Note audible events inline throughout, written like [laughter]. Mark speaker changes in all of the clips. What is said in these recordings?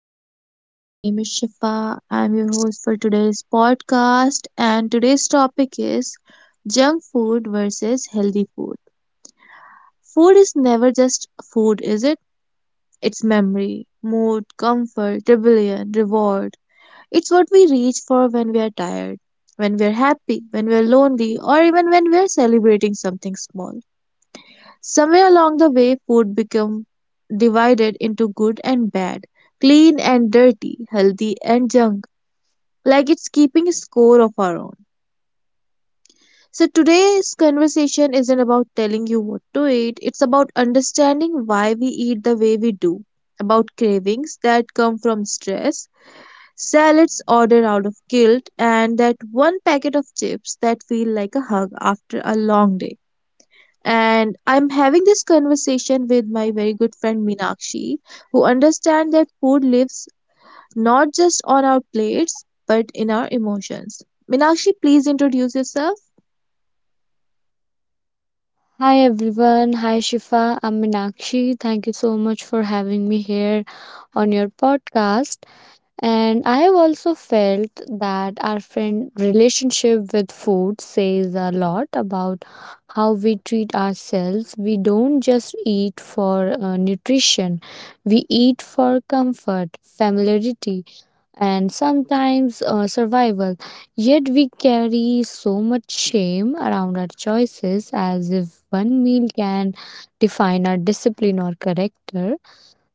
Speaker 1: everyone, my name is Shifa. I'm your host for today's podcast, and today's topic is junk food versus healthy food. Food is never just food, is it? It's memory, mood, comfort, rebellion, reward. It's what we reach for when we are tired, when we are happy, when we are lonely, or even when we are celebrating something small. Somewhere along the way, food become divided into good and bad, clean and dirty, healthy and junk like it's keeping a score of our own. So today's conversation isn't about telling you what to eat, it's about understanding why we eat the way we do, about cravings that come from stress, salads ordered out of guilt, and that one packet of chips that feel like a hug after a long day. And I'm having this conversation with my very good friend Meenakshi, who understands that food lives not just on our plates, but in our emotions. Minakshi, please introduce yourself.
Speaker 2: Hi everyone. Hi Shifa. I'm Meenakshi. Thank you so much for having me here on your podcast. And I have also felt that our friend relationship with food says a lot about how we treat ourselves. We don't just eat for nutrition. We eat for comfort, familiarity, and sometimes survival. Yet we carry so much shame around our choices as if one meal can define our discipline or character.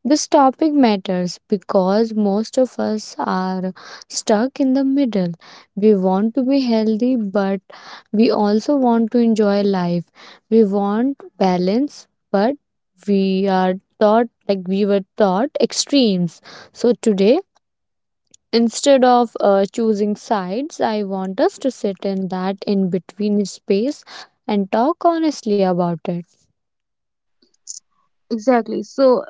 Speaker 2: This topic matters because most of us are stuck in the middle. We want to be healthy, but we also want to enjoy life. We want balance, but we are taught like we were taught extremes. So today, instead of choosing sides, I want us to sit in that in between space and talk honestly about it.
Speaker 1: Exactly. So,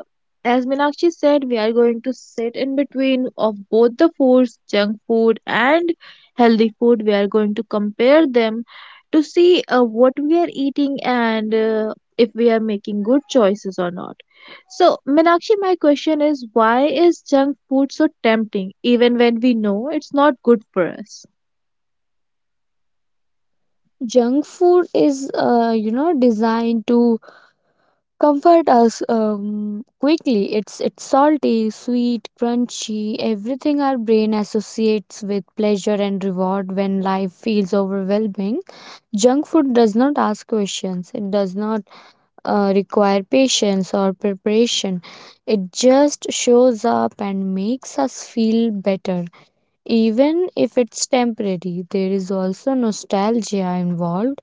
Speaker 1: as Minakshi said, we are going to sit in between of both the foods, junk food and healthy food. We are going to compare them to see what we are eating and if we are making good choices or not. So, Minakshi, my question is why is junk food so tempting even when we know it's not good for us?
Speaker 2: Junk food is, designed to comfort us quickly. It's salty, sweet, crunchy, everything our brain associates with pleasure and reward when life feels overwhelming. Junk food does not ask questions. It does not require patience or preparation. It just shows up and makes us feel better. Even if it's temporary, there is also nostalgia involved.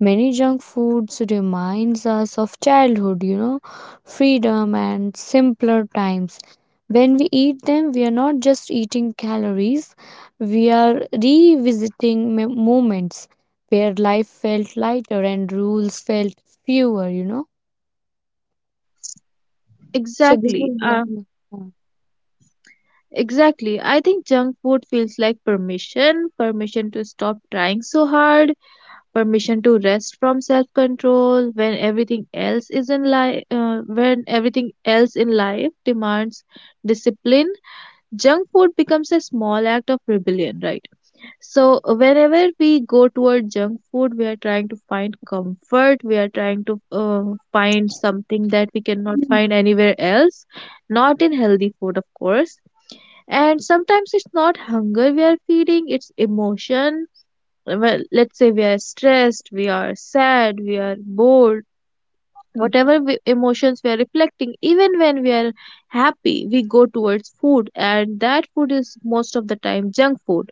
Speaker 2: Many junk foods reminds us of childhood, you know, freedom and simpler times. When we eat them, we are not just eating calories, we are revisiting moments where life felt lighter and rules felt fewer. So this
Speaker 1: Exactly.
Speaker 2: is yeah. yeah.
Speaker 1: Exactly. I think junk food feels like permission to stop trying so hard, permission to rest from self control when everything else is in life, when everything else in life demands discipline. Junk food becomes a small act of rebellion, right? So, whenever we go toward junk food, we are trying to find comfort, we are trying to find something that we
Speaker 2: Mm,
Speaker 1: cannot find anywhere else, not in healthy food, of course. And sometimes it's not hunger we are feeding, it's emotion. Well, let's say we are stressed, we are sad, we are bored,
Speaker 2: mm.
Speaker 1: whatever emotions we are reflecting. Even when we are happy we go towards food, and that food is most of the time junk food.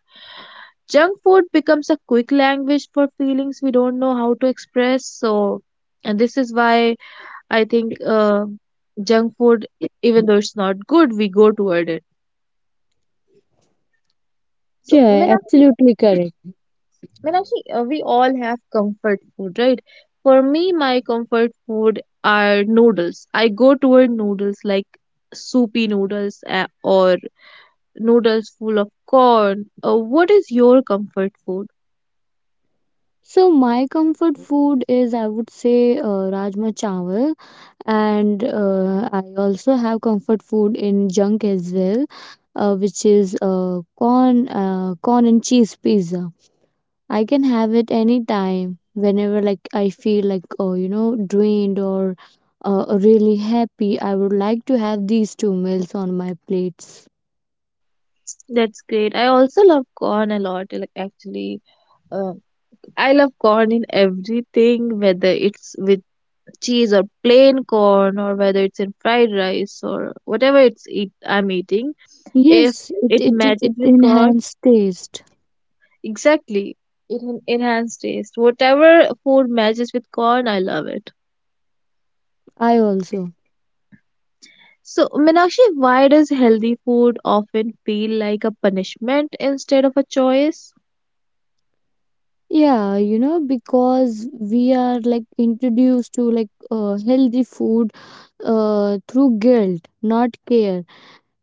Speaker 1: Junk food becomes a quick language for feelings we don't know how to express. So and this is why I think junk food, even though it's not good, we go toward it. so
Speaker 2: Yeah,
Speaker 1: Meena,
Speaker 2: absolutely correct.
Speaker 1: Meenakshi, we all have comfort food, right? For me, my comfort food are noodles. I go toward noodles like soupy noodles or noodles full of corn. What is your comfort food?
Speaker 2: So my comfort food is, I would say, rajma chawal, and I also have comfort food in junk as well, which is corn, corn and cheese pizza. I can have it anytime whenever like I feel like oh you know drained or really happy. I would like to have these two meals on my plates.
Speaker 1: That's great. I also love corn a lot. Like actually, uh, I love corn in everything, whether it's with cheese or plain corn, or whether it's in fried rice or whatever it's eat I'm eating. If
Speaker 2: Yes, it
Speaker 1: it
Speaker 2: it it,
Speaker 1: matches
Speaker 2: it
Speaker 1: with corn.
Speaker 2: enhanced taste.
Speaker 1: Exactly. It en- enhanced taste. Whatever food matches with corn, I love it.
Speaker 2: I also.
Speaker 1: So, Meenakshi, why does healthy food often feel like a punishment instead of a choice?
Speaker 2: Yeah, you know, because we are like introduced to like healthy food through guilt, not care.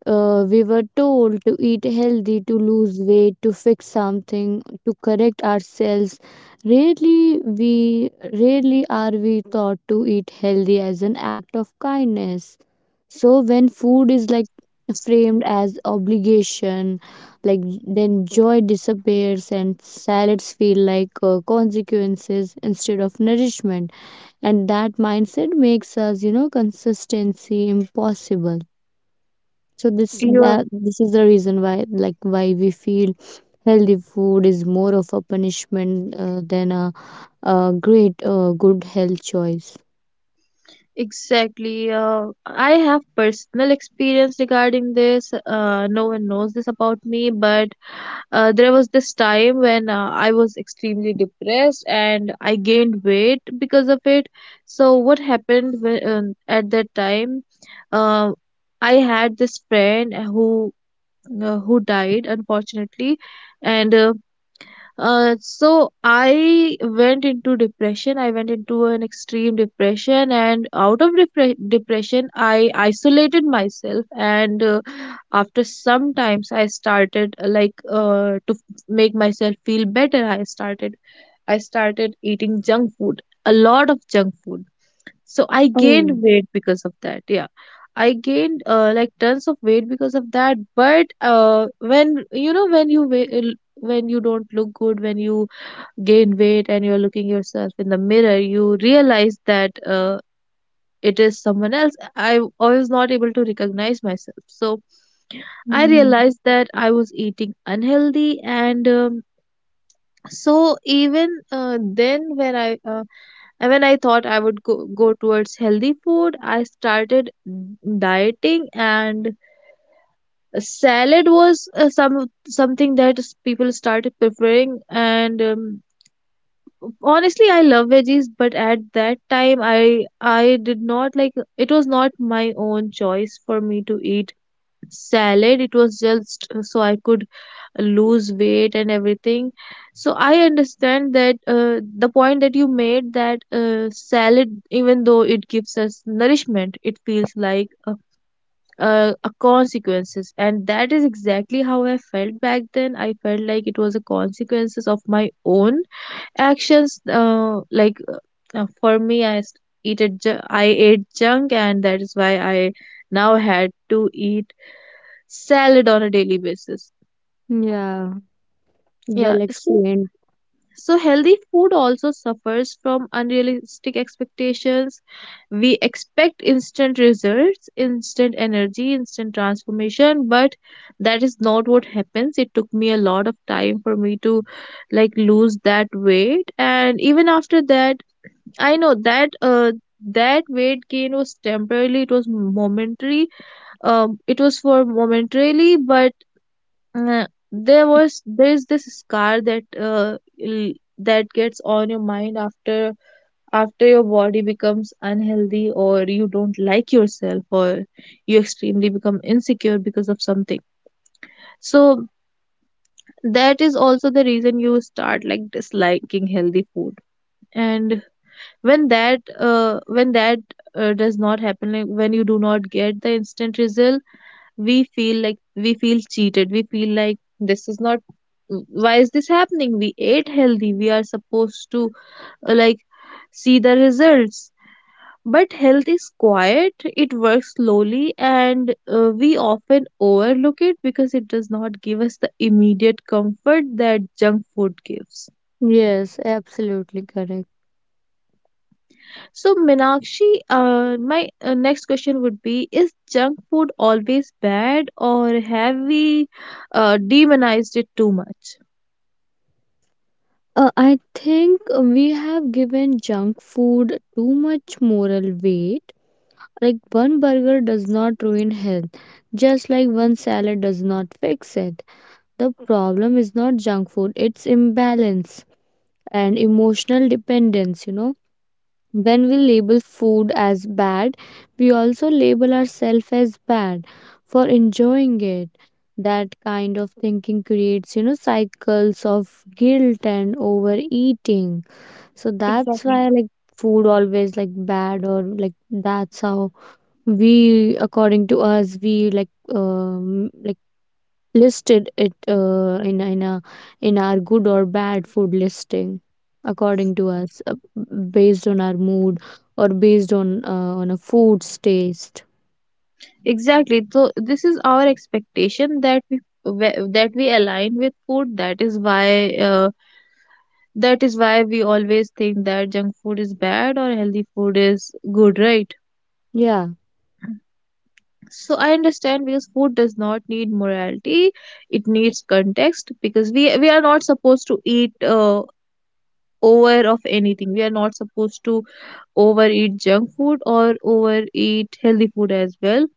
Speaker 2: We were told to eat healthy, to lose weight, to fix something, to correct ourselves. Rarely we Rarely are we taught to eat healthy as an act of kindness. So when food is like framed as obligation, like then joy disappears and salads feel like consequences instead of nourishment. And that mindset makes us, you know, consistency impossible. So
Speaker 1: You're
Speaker 2: this is the reason why, like why we feel healthy food is more of a punishment than a great good health choice.
Speaker 1: exactly. I have personal experience regarding this. No one knows this about me, but there was this time when I was extremely depressed and I gained weight because of it. So what happened whe- at that time? Uh, I had this friend who died, unfortunately, and so I went into depression. I went into an extreme depression, and out of depre- depression, I isolated myself. And after some times, I started like to f- make myself feel better. I started eating junk food, a lot of junk food. So I
Speaker 2: Oh,
Speaker 1: gained weight because of that. Yeah. I gained like tons of weight because of that, but when you know when you wa- when you don't look good, when you gain weight and you're looking yourself in the mirror, you realize that it is someone else. I was not able to recognize myself. So I
Speaker 2: mm,
Speaker 1: realized that I was eating unhealthy, and so even then when I and when I thought I would go towards healthy food, I started dieting, and salad was something that people started preferring. And honestly I love veggies, but at that time I did not like, it was not my own choice for me to eat salad. It was just so I could lose weight and everything. So I understand that the point that you made that salad even though it gives us nourishment, it feels like a, a consequences, and that is exactly how I felt back then. I felt like it was a consequences of my own actions. Uh, like for me, I s- eat a ju- I ate junk, and that is why I now had to eat salad on a daily basis.
Speaker 2: yeah.
Speaker 1: Yeah,
Speaker 2: Well
Speaker 1: so
Speaker 2: explained.
Speaker 1: healthy food also suffers from unrealistic expectations. We expect instant results, instant energy, instant transformation, but that is not what happens. It took me a lot of time for me to like lose that weight, and even after that, I know that that weight gain was temporarily. It was momentary. It was for momentarily, but uh, there is this scar that l- that gets on your mind after your body becomes unhealthy or you don't like yourself or you extremely become insecure because of something. So that is also the reason you start like disliking healthy food. And when that does not happen, like when you do not get the instant result, we feel cheated, we feel like this is not, why is this happening, we ate healthy, we are supposed to like see the results. But health is quiet, it works slowly, and we often overlook it because it does not give us the immediate comfort that junk food gives.
Speaker 2: Yes, absolutely correct.
Speaker 1: So, Meenakshi, my next question would be, is junk food always bad, or have we demonized it too much?
Speaker 2: I think we have given junk food too much moral weight. Like one burger does not ruin health, just like one salad does not fix it. The problem is not junk food, it's imbalance and emotional dependence, you know. When we label food as bad, we also label ourselves as bad for enjoying it. That kind of thinking creates, you know, cycles of guilt and overeating. So that's why,
Speaker 1: Exactly.
Speaker 2: like, food always like bad or like that's how we according to us we like um like listed it in a in our good or bad food listing according to us based on our mood or based on a food's taste.
Speaker 1: Exactly. So, this is our expectation that that we align with food. That is why we always think that junk food is bad or healthy food is good, right?
Speaker 2: Yeah,
Speaker 1: So I understand, because food does not need morality, it needs context. Because we are not supposed to eat over of anything. We are not supposed to overeat junk food or overeat healthy food as well.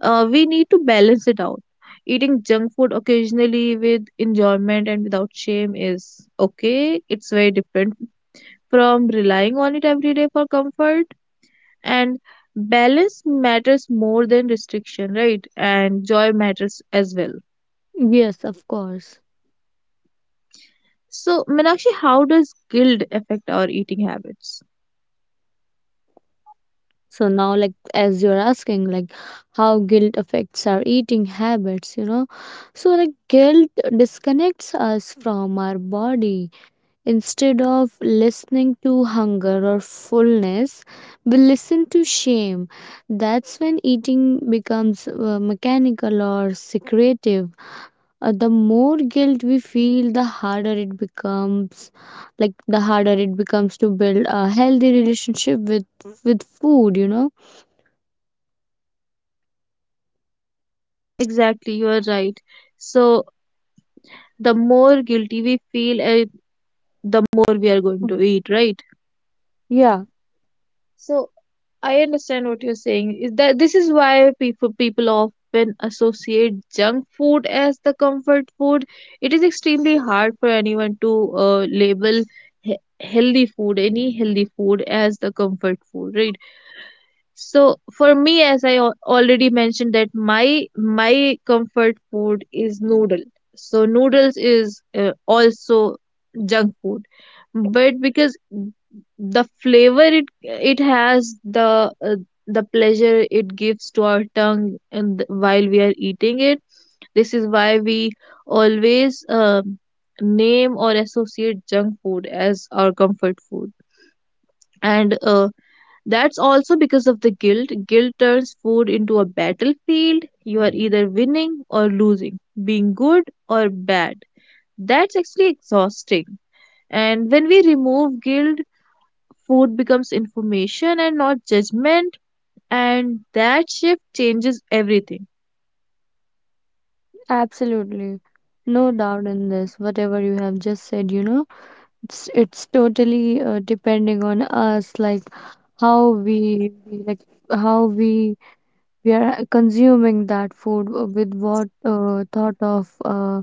Speaker 1: We need to balance it out. Eating junk food occasionally with enjoyment and without shame is okay. It's very different from relying on it every day for comfort. And balance matters more than restriction, right? And joy matters as well.
Speaker 2: yes of course.
Speaker 1: So, Meenakshi, how does guilt affect our eating habits?
Speaker 2: So now like as you're asking like how guilt affects our eating habits, you know, so like guilt disconnects us from our body. Instead of listening to hunger or fullness, we listen to shame. That's when eating becomes mechanical or secretive. The more guilt we feel, the harder it becomes. Like the harder it becomes to build a healthy relationship with food. You know.
Speaker 1: Exactly, you are right. So, the more guilty we feel, the more we are going to eat, right?
Speaker 2: Yeah,
Speaker 1: So I understand what you're saying. Is that this is why people often associate junk food as the comfort food. It is extremely hard for anyone to label he- healthy food, any healthy food, as the comfort food, right? So for me, as I al- already mentioned, that my comfort food is noodle. So noodles is also junk food, but because the flavor it has, the pleasure it gives to our tongue, and while we are eating it, this is why we always name or associate junk food as our comfort food. And that's also because of the guilt. Guilt turns food into a battlefield. You are either winning or losing, being good or bad. That's actually exhausting. And when we remove guilt, food becomes information and not judgment, and that shift changes everything.
Speaker 2: absolutely. No doubt in this. Whatever you have just said, you know, it's totally depending on us. Like how we, we like how we are consuming that food with what thought of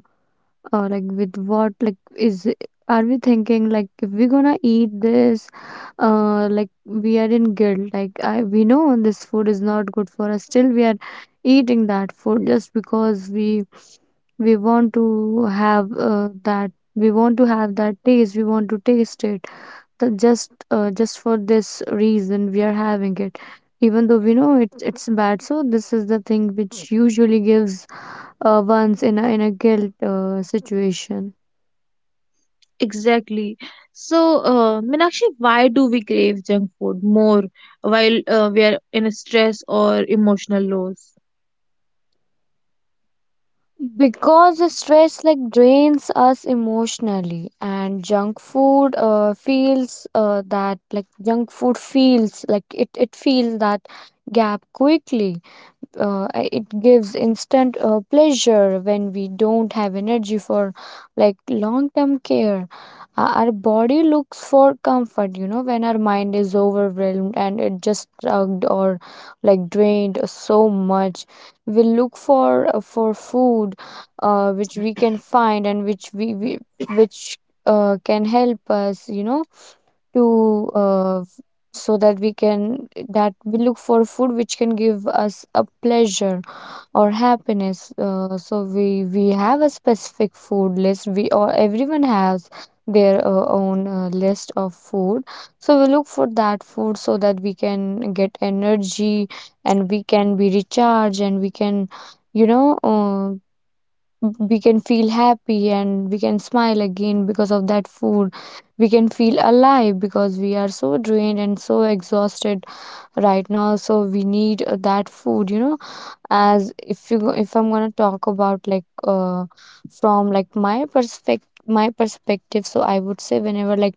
Speaker 2: like with what like is it- are we thinking like if we're gonna eat this like we are in guilt like I we know this food is not good for us still we are eating that food just because we want to have that we want to have that taste we want to taste it the just for this reason we are having it even though we know it's bad. So this is the thing which usually gives ones in a guilt situation.
Speaker 1: Exactly. So, Meenakshi, why do we crave junk food more while we are in a stress or emotional lows?
Speaker 2: Because the stress like drains us emotionally, and junk food feels that like junk food feels like it feels that gap quickly. It gives instant pleasure when we don't have energy for like long term care. Our body looks for comfort, you know, when our mind is overwhelmed and it just drugged or like drained so much. We look for food which we can find and which we which can help us, you know, to so that we can that we look for food which can give us a pleasure or happiness. So we have a specific food list we or everyone has their own list of food. So we look for that food so that we can get energy and we can be recharged and we can, you know uh, we can feel happy and we can smile again because of that food. We can feel alive because we are so drained and so exhausted right now. So we need that food, you know. As if you go- If I'm going to talk about like from like my perspective, so I would say, whenever like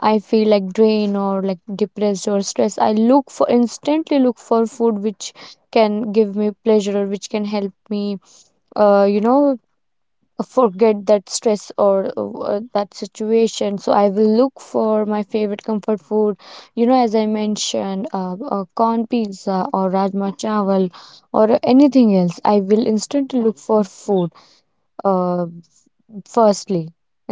Speaker 2: I feel like drained or like depressed or stressed, I look for instantly look for food which can give me pleasure or which can help me, you know, forget that stress or that situation. So I will look for my favorite comfort food, you know, as I mentioned, corn pizza or rajma chawal or anything else. I will instantly look for food, uh, firstly,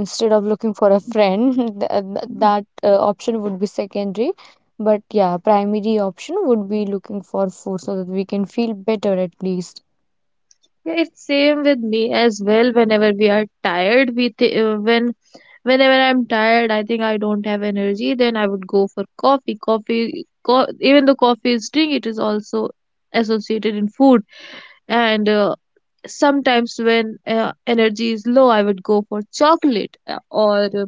Speaker 2: instead of looking for a friend. [laughs] That option would be secondary, but yeah, primary option would be looking for food so that we can feel better at least.
Speaker 1: Yeah, it's same with me as well. Whenever we are tired, we th- whenever I'm tired, I think I don't have energy. Then I would go for coffee. Coffee, co- even though coffee is drink, it is also associated in food. And sometimes when energy is low, I would go for chocolate or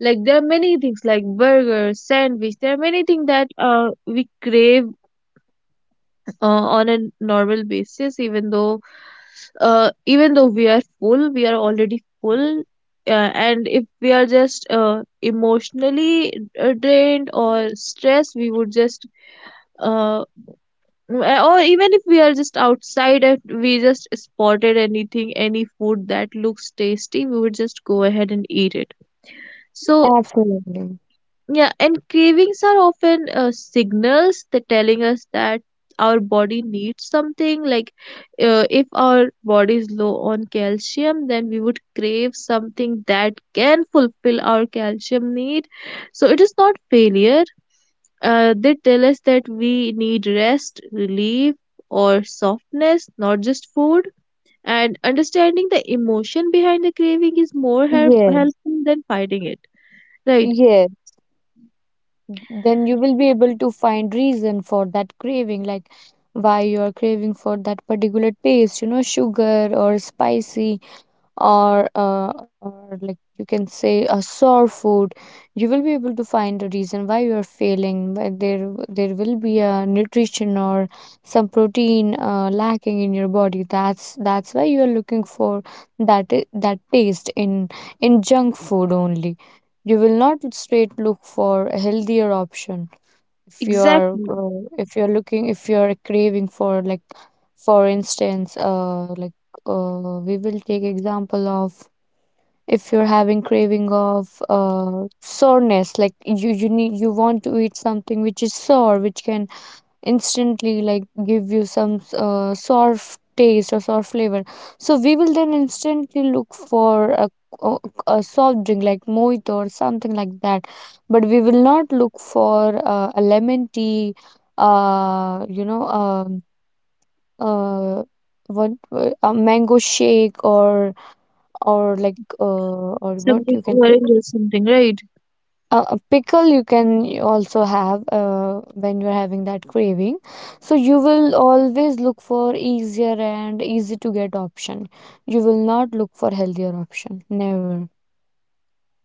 Speaker 1: like there are many things like burgers, sandwich. There are many things that we crave on a normal basis, even though we are full, we are already full and if we are just emotionally drained or stressed, we would just uh, or even if we are just outside and we just spotted anything, any food that looks tasty, we would just go ahead and eat it. So
Speaker 2: Absolutely.
Speaker 1: yeah, and cravings are often signals that telling us that our body needs something. Like, if our body is low on calcium, then we would crave something that can fulfill our calcium need. So it is not failure. They tell us that we need rest, relief, or softness, not just food. And understanding the emotion behind the craving is
Speaker 2: Yes,
Speaker 1: helpful than fighting it. Right?
Speaker 2: yes. Then you will be able to find reason for that craving, like why you are craving for that particular taste, you know, sugar or spicy, or like you can say a sore food. You will be able to find a reason why you are failing, why there will be a nutrition or some protein lacking in your body. That's why you are looking for that taste in junk food only. You will not straight look for a healthier option if you are
Speaker 1: Exactly.
Speaker 2: if you're looking if you're craving for like, for instance, we will take example of, if you're having craving of soreness, like you need you want to eat something which is sore which can instantly like give you some soft taste or soft flavor. So we will then instantly look for co- a soft drink like mojito or something like that, but we will not look for a lemon tea, uh you know um uh what, a mango shake or like or what you
Speaker 1: Something
Speaker 2: can say,
Speaker 1: orange or something, right?
Speaker 2: a pickle. You can also have, when you're having that craving. So you will always look for easier and easy to get option. You will not look for healthier option never.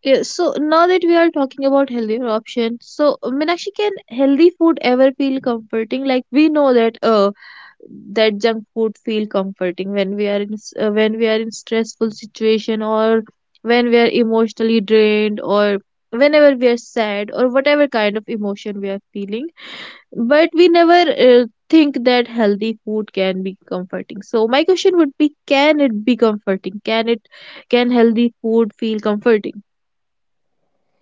Speaker 1: Yeah, so now that we are talking about healthier options, so Meenakshi, can healthy food ever feel comforting? Like we know that that junk food feel comforting when we are when we are in stressful situation, or when we are emotionally drained, or whenever we are sad, or whatever kind of emotion we are feeling, but we never think that healthy food can be comforting. So my question would be, can it be comforting, can it, can healthy food feel comforting?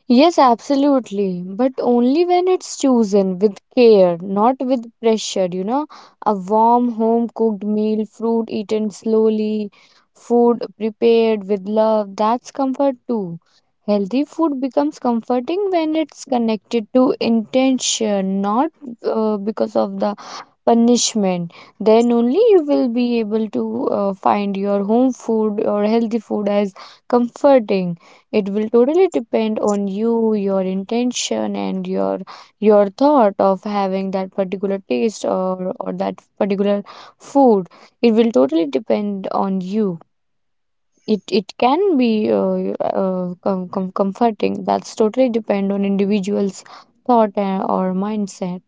Speaker 2: Yes, absolutely, but only when it's chosen with care, not with pressure, you know. A warm, home cooked meal, fruit eaten slowly, food prepared with love, that's comfort too. Healthy food becomes comforting when it's connected to intention, not because of the punishment. Then only you will be able to find your home food or healthy food as comforting. It will totally depend on you, your intention and your thought of having that particular taste or that particular food. It will totally depend on you. It can be comforting. That's totally depend on individuals thought, or mindset.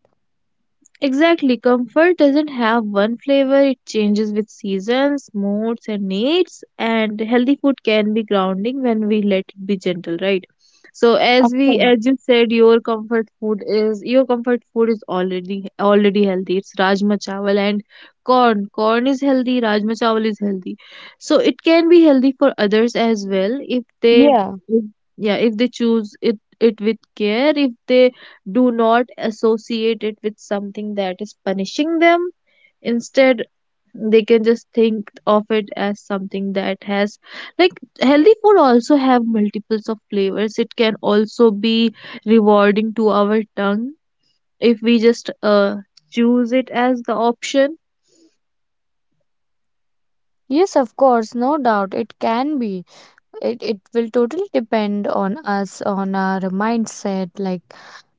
Speaker 1: Exactly, comfort doesn't have one flavor, it changes with seasons, moods, and needs. And healthy food can be grounding when we let it be gentle, right? So
Speaker 2: Of course.
Speaker 1: as you said, your comfort food is, your comfort food is already healthy. It's Rajma Chawal and corn. Corn is healthy, Rajma Chawal is healthy. So it can be healthy for others as well if they,
Speaker 2: Yeah.
Speaker 1: if, yeah, if they choose it with care, if they do not associate it with something that is punishing them. Instead, they can just think of it as something that has, like, healthy food also have multiples of flavors, it can also be rewarding to our tongue if we just choose it as the option.
Speaker 2: Yes, of course, no doubt it can be. It will totally depend on us, on our mindset,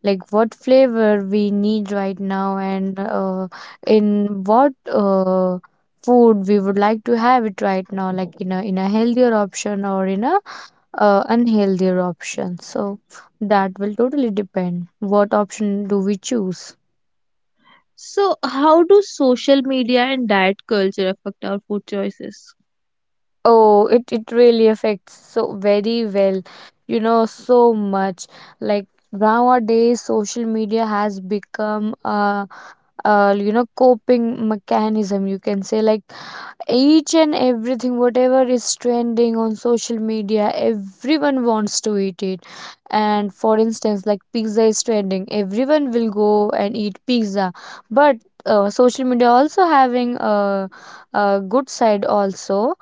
Speaker 2: like what flavor we need right now, and in what food we would like to have it right now, like in a healthier option or in a unhealthier option. So that will totally depend. What option do we choose?
Speaker 1: So how do social media and diet culture affect our food choices?
Speaker 2: Oh, it really affects so very well, you know, so much. Like nowadays, social media has become a you know, coping mechanism, you can say. Like each and everything whatever is trending on social media, everyone wants to eat it. And for instance, like pizza is trending, everyone will go and eat pizza. But social media also having a good side also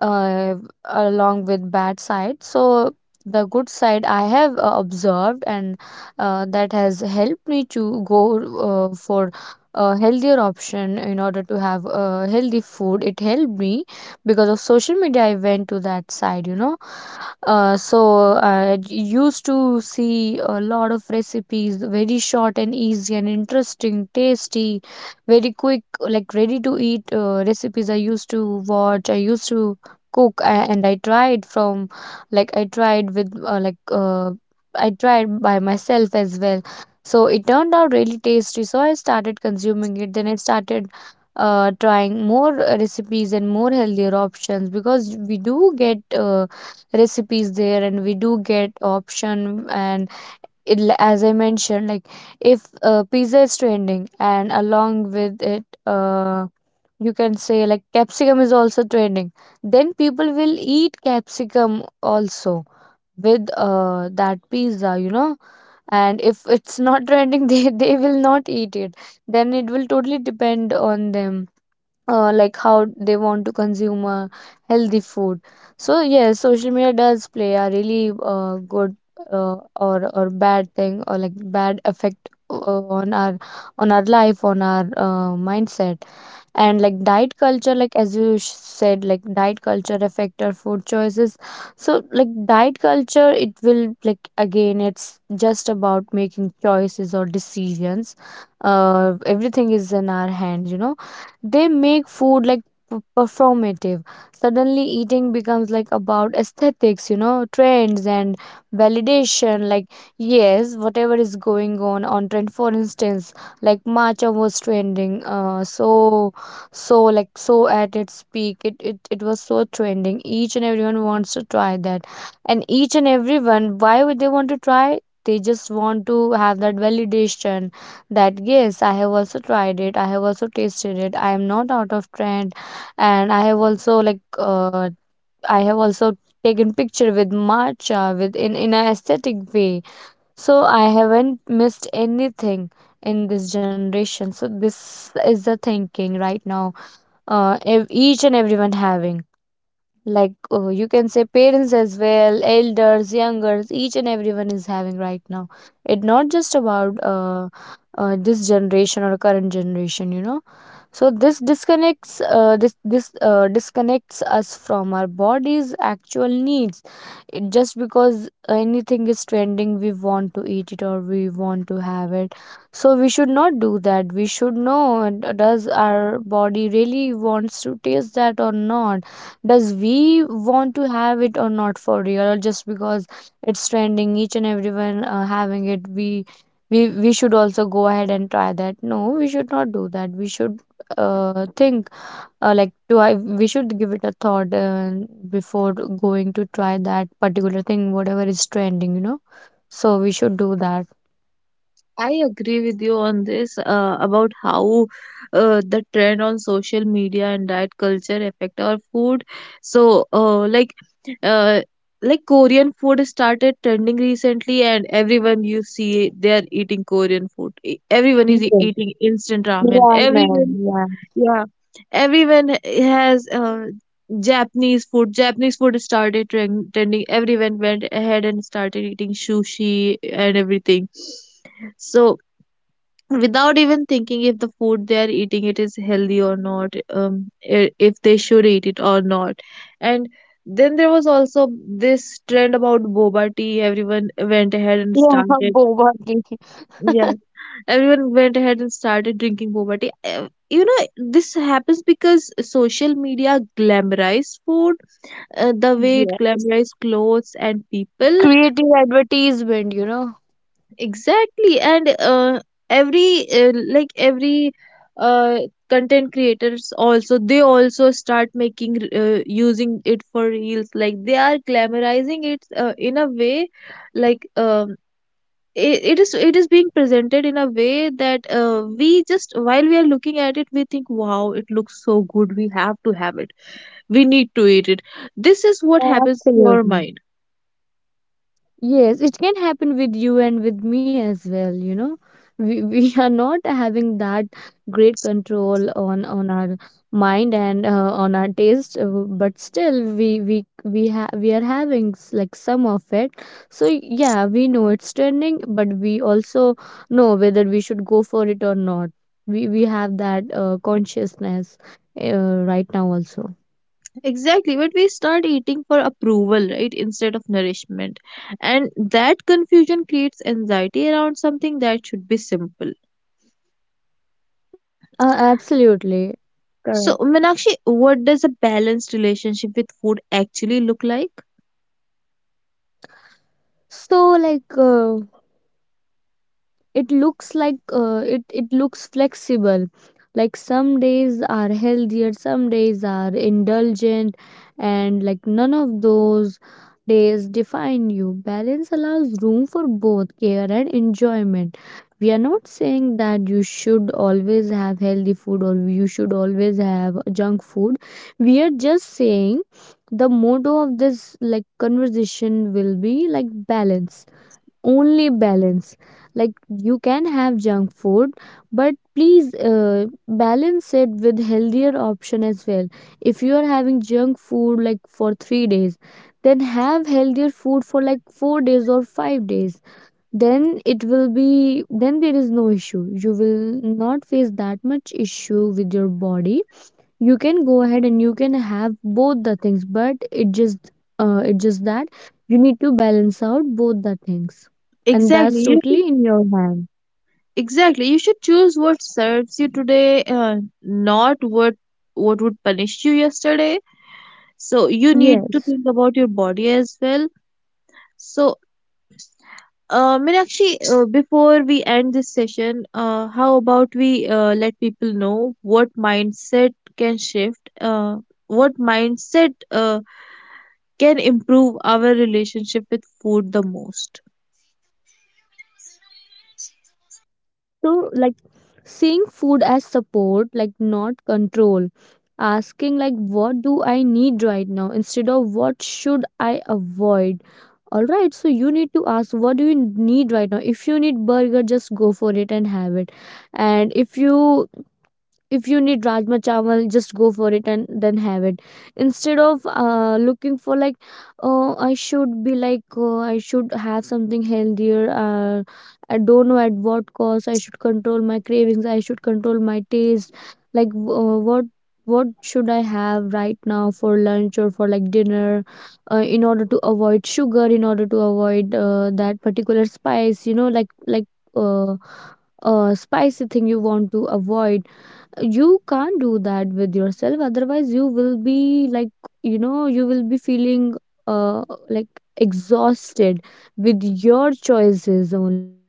Speaker 2: uh, along with bad side. So the good side I have observed, and that has helped me to go for a healthier option. In order to have a healthy food, it helped me, because of social media I went to that side, you know. So used to see a lot of recipes, very short and easy and interesting, tasty, very quick, like ready to eat recipes. I used to watch, I used to cook, and I tried from, like I tried with like I tried by myself as well. So it turned out really tasty. So I started consuming it. Then I started trying more recipes and more healthier options, because we do get. Recipes there, and we do get option. And it, as I mentioned, like if pizza is trending and along with it you can say like capsicum is also trending, then people will eat capsicum also with that pizza, you know. And if it's not trending, [laughs] they will not eat it. Then it will totally depend on them, like how they want to consume healthy food. So yes, social media does play a really good or bad thing, or like bad effect on our on our life, on our mindset. And like diet culture, like as you said, like diet culture affect our food choices. So like diet culture, it will like again, it's just about making choices or decisions. Uh, everything is in our hands, you know. They make food like performative. Suddenly eating becomes like about aesthetics, you know, trends and validation. Like yes, whatever is going on trend. For instance, like matcha was trending, so. So like so at its peak, it was so trending, each and everyone wants to try that. And each and everyone, why would they want to try? They just want to have that validation, that yes, I have also tried it, I have also tasted it, I am not out of trend. And I have also like I have also taken picture with matcha, with in an aesthetic way. So I haven't missed anything in this generation. So this is the thinking right now. Each and everyone having, like you can say, parents as well, elders, youngers, each and everyone is having right now. It not just about this generation or current generation, you know. So this disconnects us from our body's actual needs. It, just because anything is trending, we want to eat it or we want to have it. So we should not do that. We should know does our body really wants to taste that or not, does we want to have it or not for real, or just because it's trending, each and everyone having it, we should also go ahead and try that. No, we should not do that. We should think, like do I, we should give it a thought, before going to try that particular thing, whatever is trending, you know. So we should do that.
Speaker 1: I agree with you on this about how the trend on social media and diet culture affect our food. So, uh, like, Korean food started trending recently, and everyone you see, they are eating Korean food. Everyone
Speaker 2: Yeah,
Speaker 1: is eating instant ramen.
Speaker 2: yeah, man.
Speaker 1: Everyone,
Speaker 2: Yeah,
Speaker 1: yeah, everyone has Japanese food. Japanese food started trending. Everyone went ahead and started eating sushi and everything. So without even thinking if the food they are eating, it is healthy or not. If they should eat it or not. And then there was also this trend about boba tea. Everyone went ahead and
Speaker 2: yeah, [laughs]
Speaker 1: started,
Speaker 2: boba tea.
Speaker 1: yeah,
Speaker 2: [laughs]
Speaker 1: everyone went ahead and started drinking boba tea. You know, this happens because social media glamorized food the way it glamorized
Speaker 2: Yes,
Speaker 1: clothes and people.
Speaker 2: creative advertisement, you know.
Speaker 1: Exactly. And every like, every uh, content creators also, they also start making, using it for reels, like they are glamorizing it in a way, like, it is it is being presented in a way that we just, while we are looking at it, we think, wow, it looks so good, we have to have it, we need to eat it. This is what happens to our
Speaker 2: Absolutely.
Speaker 1: mind.
Speaker 2: Yes, it can happen with you and with me as well, you know. We, [laughs] we are not having that great control on our mind and on our taste, but still we have, we are having like some of it. So yeah, we know it's trending, but we also know whether we should go for it or not. We have that consciousness right now also.
Speaker 1: Exactly, but we start eating for approval, right, instead of nourishment. And that confusion creates anxiety around something that should be simple.
Speaker 2: Absolutely correct.
Speaker 1: So, Meenakshi, what does a balanced relationship with food actually look like?
Speaker 2: So like. It looks like it looks flexible, like some days are healthier, some days are indulgent, and like none of those days define you. Balance allows room for both care and enjoyment. We are not saying that you should always have healthy food or you should always have junk food. We are just saying the motto of this like conversation will be like balance, only balance. Like you can have junk food, but please balance it with healthier option as well. If you are having junk food like for 3 days, then have healthier food for like 4 days or 5 days. Then it will be, then there is no issue, you will not face that much issue with your body. You can go ahead and you can have both the things, but it just that you need to balance out both the things. And
Speaker 1: Exactly,
Speaker 2: that's
Speaker 1: you should,
Speaker 2: totally in your hand.
Speaker 1: exactly, you should choose what serves you today, not what, what would punish you yesterday. So you need to
Speaker 2: Yes.
Speaker 1: think about your body as well. So, Meenakshi, before we end this session, how about we let people know what mindset can shift, what mindset can improve our relationship with food the most?
Speaker 2: So like seeing food as support, like not control, asking like what do I need right now instead of what should I avoid. All right, so you need to ask what do you need right now. If you need burger, just go for it and have it. And if you need rajma chawal, just go for it and then have it, instead of looking for like, oh, I should be like, oh, I should have something healthier. I don't know at what cost, I should control my cravings, I should control my taste. Like uh, what should I have right now for lunch or for like dinner, in order to avoid sugar, in order to avoid that particular spice, you know. Like uh, spicy thing you want to avoid, you can't do that with yourself, otherwise you will be like, you know, you will be feeling uh like exhausted with your choices only.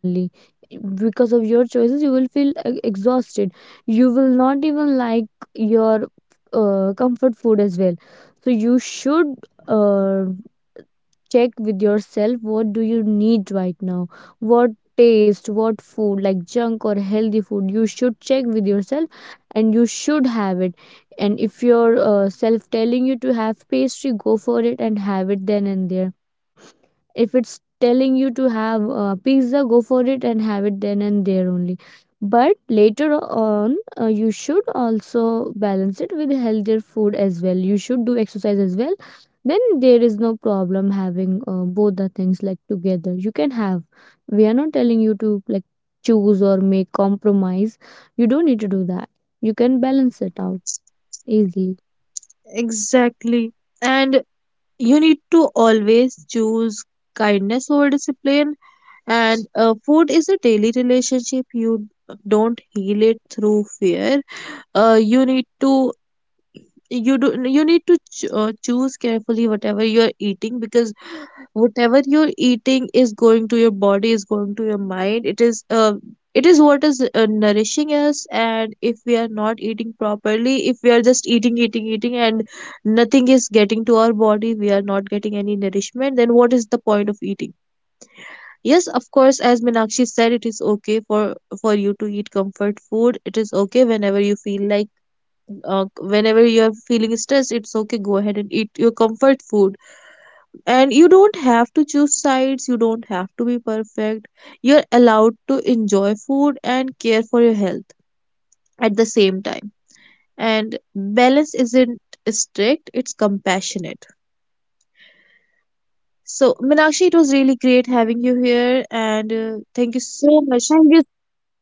Speaker 2: Because of your choices you will feel exhausted. You will not even like your comfort food as well. So you should uh, check with yourself what do you need right now, what taste, what food, like junk or healthy food, you should check with yourself and you should have it. And if your self telling you to have pastry, go for it and have it then and there. If it's telling you to have pizza, go for it and have it then and there only. But later on you should also balance it with healthier food as well, you should do exercise as well. Then there is no problem having both the things, like together you can have. We are not telling you to like choose or make compromise, you don't need to do that, you can balance it out easily.
Speaker 1: Exactly. And you need to always choose kindness over discipline. And food is a daily relationship. You don't heal it through fear. You need to, you need to choose carefully whatever you're eating, because whatever you're eating is going to your body, is going to your mind. It is it is what is nourishing us. And if we are not eating properly, if we are just eating, eating, eating, and nothing is getting to our body, we are not getting any nourishment, then what is the point of eating? Yes, of course, as Minakshi said, it is okay for you to eat comfort food. It is okay, whenever you feel like, whenever you're feeling stressed, it's okay, go ahead and eat your comfort food. And you don't have to choose sides, you don't have to be perfect. You're allowed to enjoy food and care for your health at the same time. And balance isn't strict, it's compassionate. So, Minakshi, it was really great having you here, and thank you so
Speaker 2: Thank you
Speaker 1: much.
Speaker 2: so much, Shifa.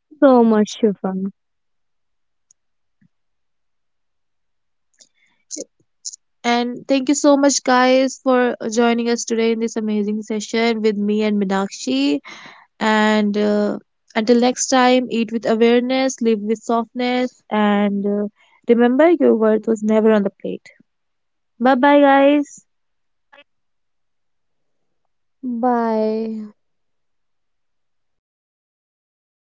Speaker 1: And thank you so much, guys, for joining us today in this amazing session with me and Minakshi. And until next time, eat with awareness, live with softness, and remember your worth was never on the plate. Bye bye, guys.
Speaker 2: Bye.